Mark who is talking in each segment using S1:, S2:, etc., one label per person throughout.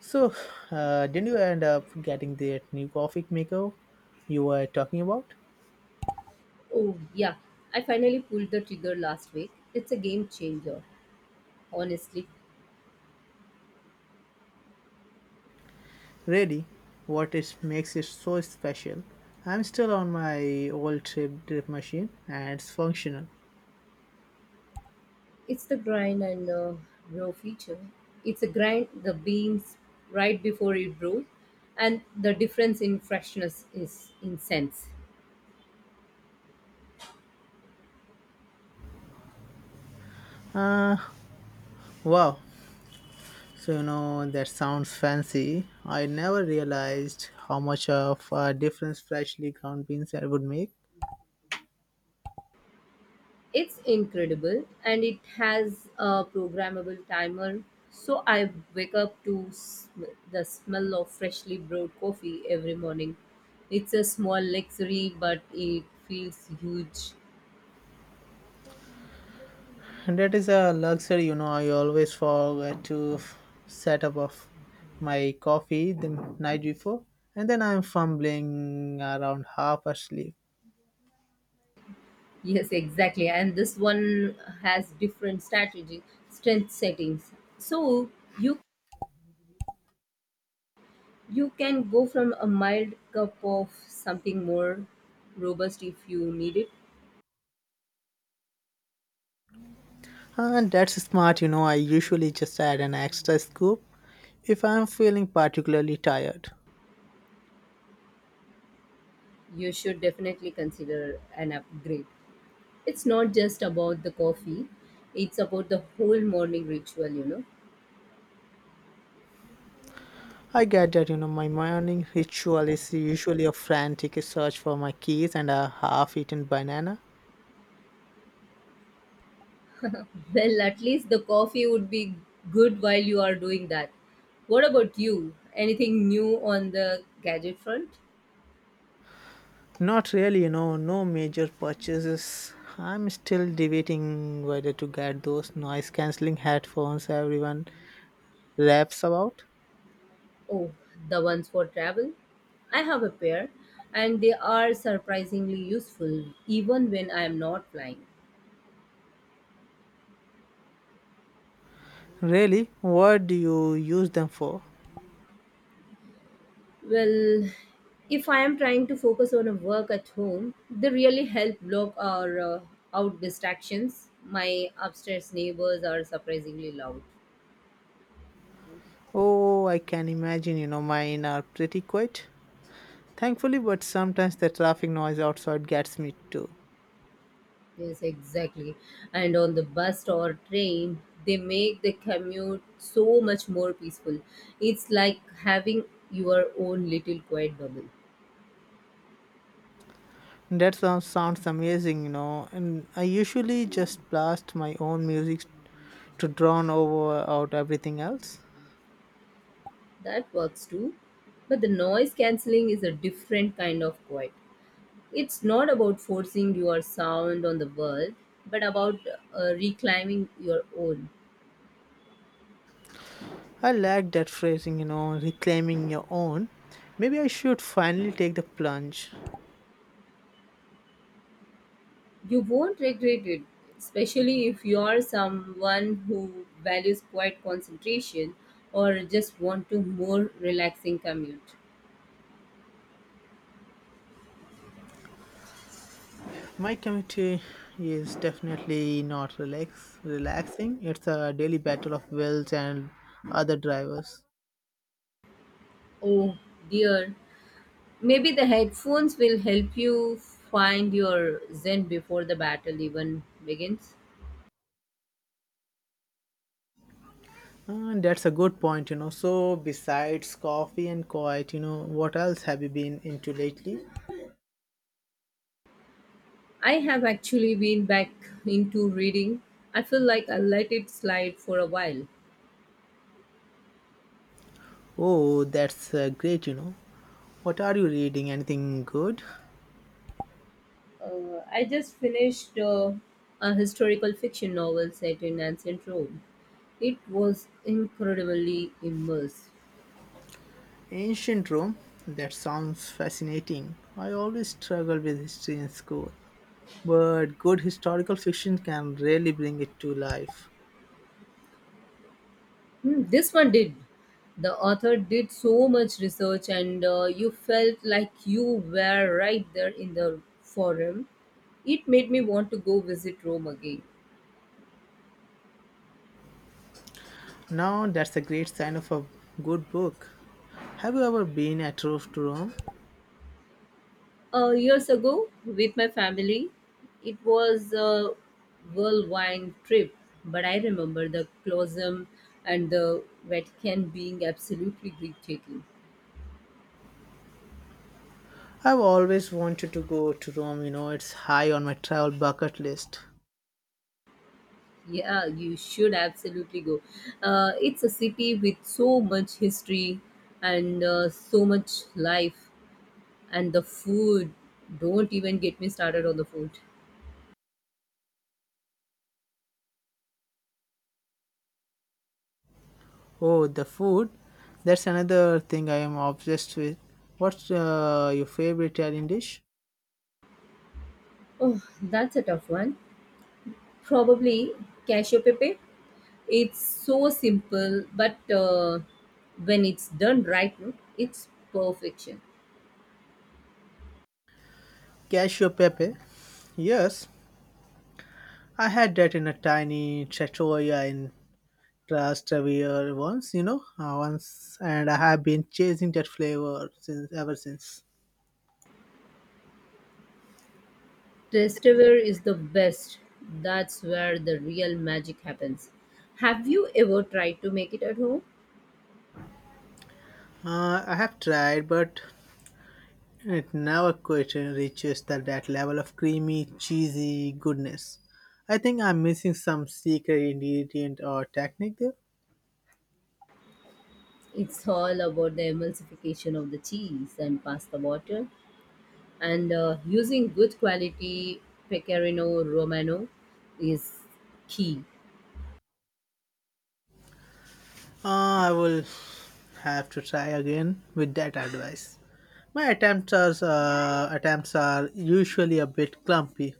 S1: So, didn't you end up getting that new coffee maker you were talking about?
S2: Oh, yeah. I finally pulled the trigger last week. It's a game changer, honestly.
S1: Really, what it makes it so special. I'm still on my old trip drip machine and it's functional.
S2: It's the grind and row feature. It's a grind, the beans right before it brews, and the difference in freshness is intense.
S1: Uh, wow. So, that sounds fancy. I never realized how much of a difference freshly ground beans would make.
S2: It's incredible, and it has a programmable timer. So I wake up to the smell of freshly brewed coffee every morning. It's a small luxury, but it feels huge.
S1: That is a luxury, you know. I always forget to set up of my coffee the night before, and then I'm fumbling around half asleep.
S2: Yes, exactly. And this one has different strength settings. So you you can go from a mild cup of something more robust if you need it.
S1: And that's smart, you know. I usually just add an extra scoop if I'm feeling particularly tired.
S2: You should definitely consider an upgrade. It's not just about the coffee. It's about the whole morning ritual, you know.
S1: I get that, you know, my morning ritual is usually a frantic search for my keys and a half eaten banana.
S2: Well, at least the coffee would be good while you are doing that. What about you? Anything new on the gadget front?
S1: Not really, you know, no major purchases. I'm still debating whether to get those noise cancelling headphones everyone raps about.
S2: Oh, the ones for travel? I have a pair and they are surprisingly useful even when I am not flying.
S1: Really? What do you use them for?
S2: Well, if I am trying to focus on a work at home, they really help block our out distractions. My upstairs neighbors are surprisingly loud.
S1: Oh, I can imagine, you know, mine are pretty quiet. Thankfully, but sometimes the traffic noise outside gets me too.
S2: Yes, exactly. And on the bus or train, they make the commute so much more peaceful. It's like having your own little quiet bubble.
S1: That sounds amazing, you know, and I usually just blast my own music to drown over out everything else.
S2: That works too. But the noise cancelling is a different kind of quiet. It's not about forcing your sound on the world, but about reclaiming your own.
S1: I like that phrasing, you know, reclaiming your own. Maybe I should finally take the plunge.
S2: You won't regret it, especially if you are someone who values quiet concentration or just want to more relaxing commute.
S1: My committee is definitely not relaxing. It's a daily battle of wills and other drivers.
S2: Oh dear, maybe the headphones will help you find your zen before the battle even begins.
S1: And that's a good point, you know. So besides coffee and quiet, you know, what else have you been into lately?
S2: I have actually been back into reading. I feel like I let it slide for a while.
S1: Oh, that's great, you know. What are you reading? Anything good?
S2: I just finished a historical fiction novel set in ancient Rome. It was incredibly immersive.
S1: Ancient Rome? That sounds fascinating. I always struggle with history in school, but good historical fiction can really bring it to life.
S2: Hmm, this one did. The author did so much research, and you felt like you were right there in the forum. It made me want to go visit Rome again.
S1: Now, that's a great sign of a good book. Have you ever been at Rome to Rome?
S2: Years ago with my family. It was a whirlwind trip, but I remember the Colosseum and the Vatican being absolutely breathtaking.
S1: I've always wanted to go to Rome, you know, it's high on my travel bucket list.
S2: Yeah, you should absolutely go. It's a city with so much history and so much life, and the food. Don't even get me started on the food.
S1: Oh, the food? That's another thing I am obsessed with. What's your favorite Italian dish?
S2: Oh, that's a tough one. Probably cashew pepe. It's so simple, but when it's done right, no, it's perfection.
S1: Cashew pepe. Yes, I had that in a tiny trattoria in Trastevere once, and I have been chasing that flavor since ever since.
S2: Testware is the best. That's where the real magic happens. Have you ever tried to make it at home?
S1: I have tried, but it never quite reaches that level of creamy, cheesy goodness. I think I'm missing some secret ingredient or technique there.
S2: It's all about the emulsification of the cheese and pasta water, and using good quality pecorino romano is key.
S1: I will have to try again with that advice. My attempts are usually a bit clumpy.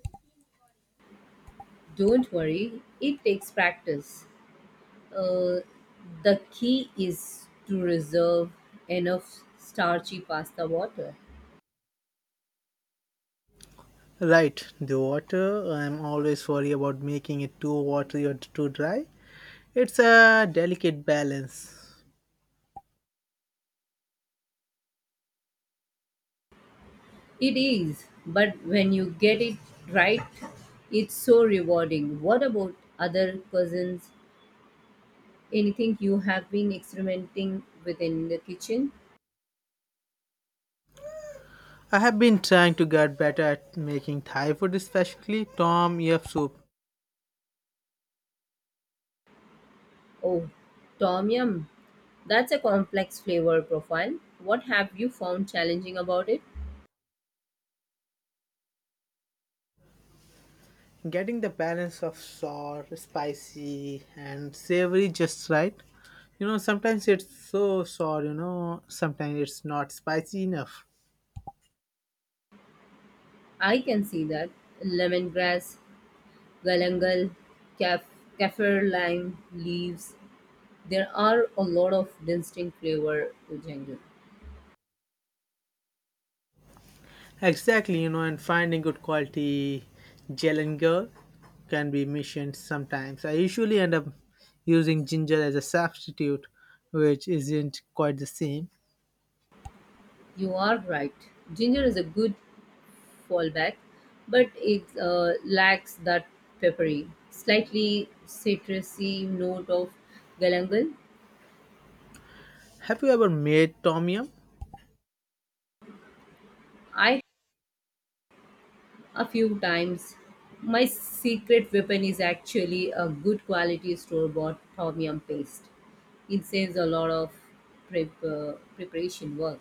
S2: Don't worry, it takes practice. Uh, the key is to reserve enough starchy pasta water.
S1: Right, the water. I'm always worried about making it too watery or too dry. It's a delicate balance.
S2: It is, but when you get it right, it's so rewarding. What about other cousins? Anything you have been experimenting with in the kitchen?
S1: I have been trying to get better at making Thai food, especially Tom Yum soup.
S2: Oh, tom yum. That's a complex flavor profile. What have you found challenging about it?
S1: Getting the balance of sour, spicy, and savory just right. You know, sometimes it's so sour, you know, sometimes it's not spicy enough.
S2: I can see that. Lemongrass, galangal, caf- kaffir lime leaves. There are a lot of distinct flavor to ginger.
S1: Exactly, you know, and finding good quality ginger can be mission sometimes. I usually end up using ginger as a substitute, which isn't quite the same.
S2: You are right. Ginger is a good fallback, but it lacks that peppery, slightly citrusy note of galangal.
S1: Have you ever made tom yum?
S2: I a few times. My secret weapon is actually a good quality store-bought tom yum paste. It saves a lot of preparation work.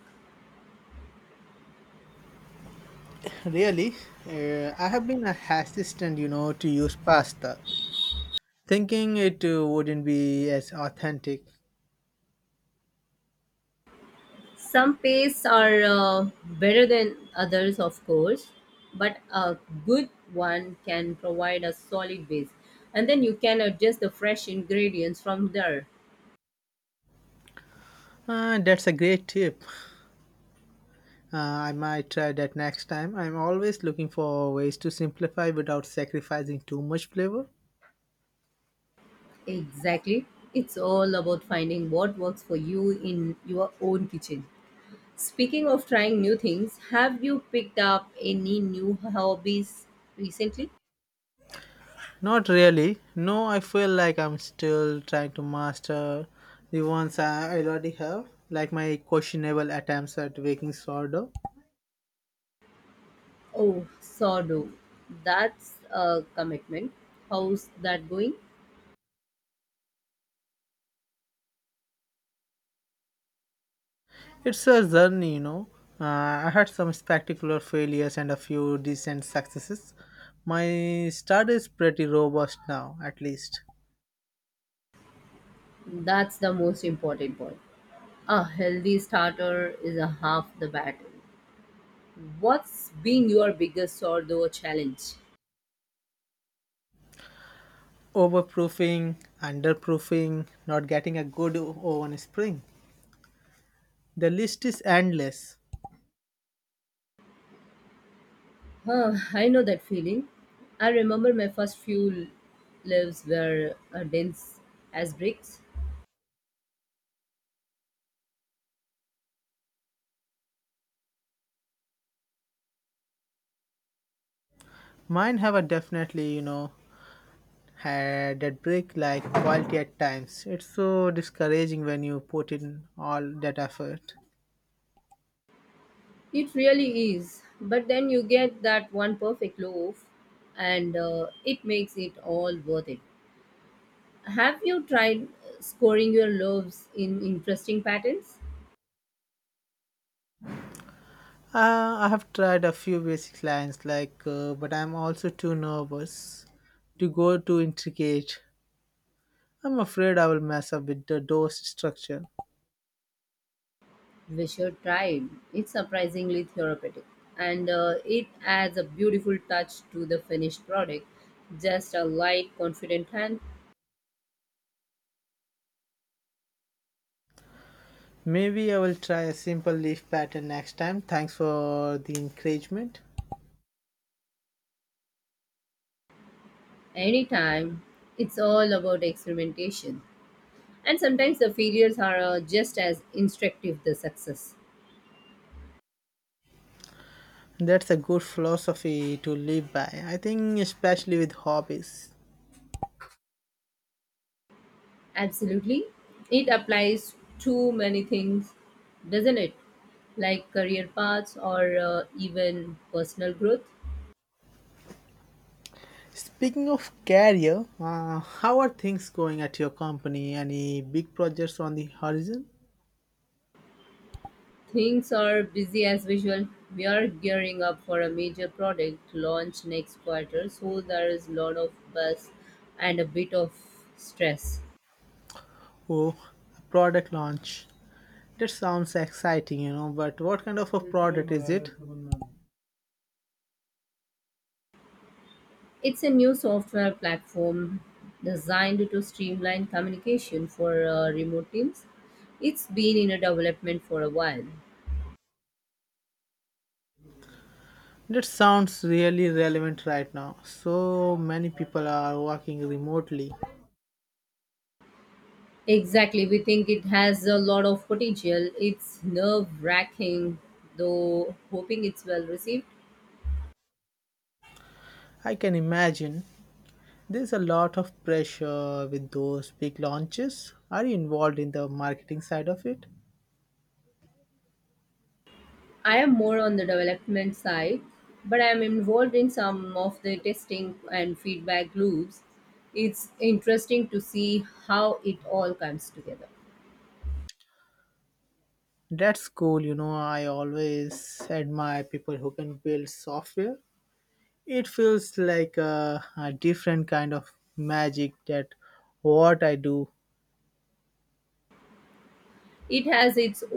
S1: Really, I have been a hesitant, you know, to use pasta, thinking it wouldn't be as authentic.
S2: Some pastes are better than others, of course, but a good one can provide a solid base. And then you can adjust the fresh ingredients from there.
S1: That's a great tip. Uh, I might try that next time. I'm always looking for ways to simplify without sacrificing too much flavor.
S2: Exactly. It's all about finding what works for you in your own kitchen. Speaking of trying new things, have you picked up any new hobbies recently?
S1: Not really. No, I feel like I'm still trying to master the ones I already have, like my questionable attempts at baking sourdough.
S2: Oh, sourdough. That's a commitment. How's that going?
S1: It's a journey, you know. Uh, I had some spectacular failures and a few decent successes. My start is pretty robust now, at least.
S2: That's the most important part. A healthy starter is a half the battle. What's been your biggest or though challenge?
S1: Overproofing, underproofing, not getting a good oven spring. The list is endless.
S2: Huh, I know that feeling. I remember my first few lives were dense as bricks.
S1: Mine have a definitely, you know, had that break, like quality at times. It's so discouraging when you put in all that effort.
S2: It really is. But then you get that one perfect loaf and it makes it all worth it. Have you tried scoring your loaves in interesting patterns?
S1: I have tried a few basic lines like, but I'm also too nervous to go too intricate. I'm afraid I will mess up with the dose structure.
S2: We should try it. It's surprisingly therapeutic, and it adds a beautiful touch to the finished product. Just a light, confident hand.
S1: Maybe I will try a simple leaf pattern next time. Thanks for the encouragement.
S2: Anytime, it's all about experimentation, and sometimes the failures are just as instructive the success.
S1: That's a good philosophy to live by, I think, especially with hobbies.
S2: Absolutely, it applies to many things, doesn't it? Like career paths or even personal growth.
S1: Speaking of career, how are things going at your company? Any big projects on the horizon?
S2: Things are busy as usual. We are gearing up for a major product launch next quarter, so there is a lot of buzz and a bit of stress.
S1: Oh, a product launch. That sounds exciting, you know, but what kind of a product is it?
S2: It's a new software platform designed to streamline communication for remote teams. It's been in a development for a while.
S1: That sounds really relevant right now. So many people are working remotely.
S2: Exactly, we think it has a lot of potential. It's nerve wracking, though, hoping it's well received.
S1: I can imagine there's a lot of pressure with those big launches. Are you involved in the marketing side of it?
S2: I am more on the development side, but I am involved in some of the testing and feedback loops. It's interesting to see how it all comes together.
S1: That's cool. You know, I always admire people who can build software. It feels like a different kind of magic that what I do.
S2: It has its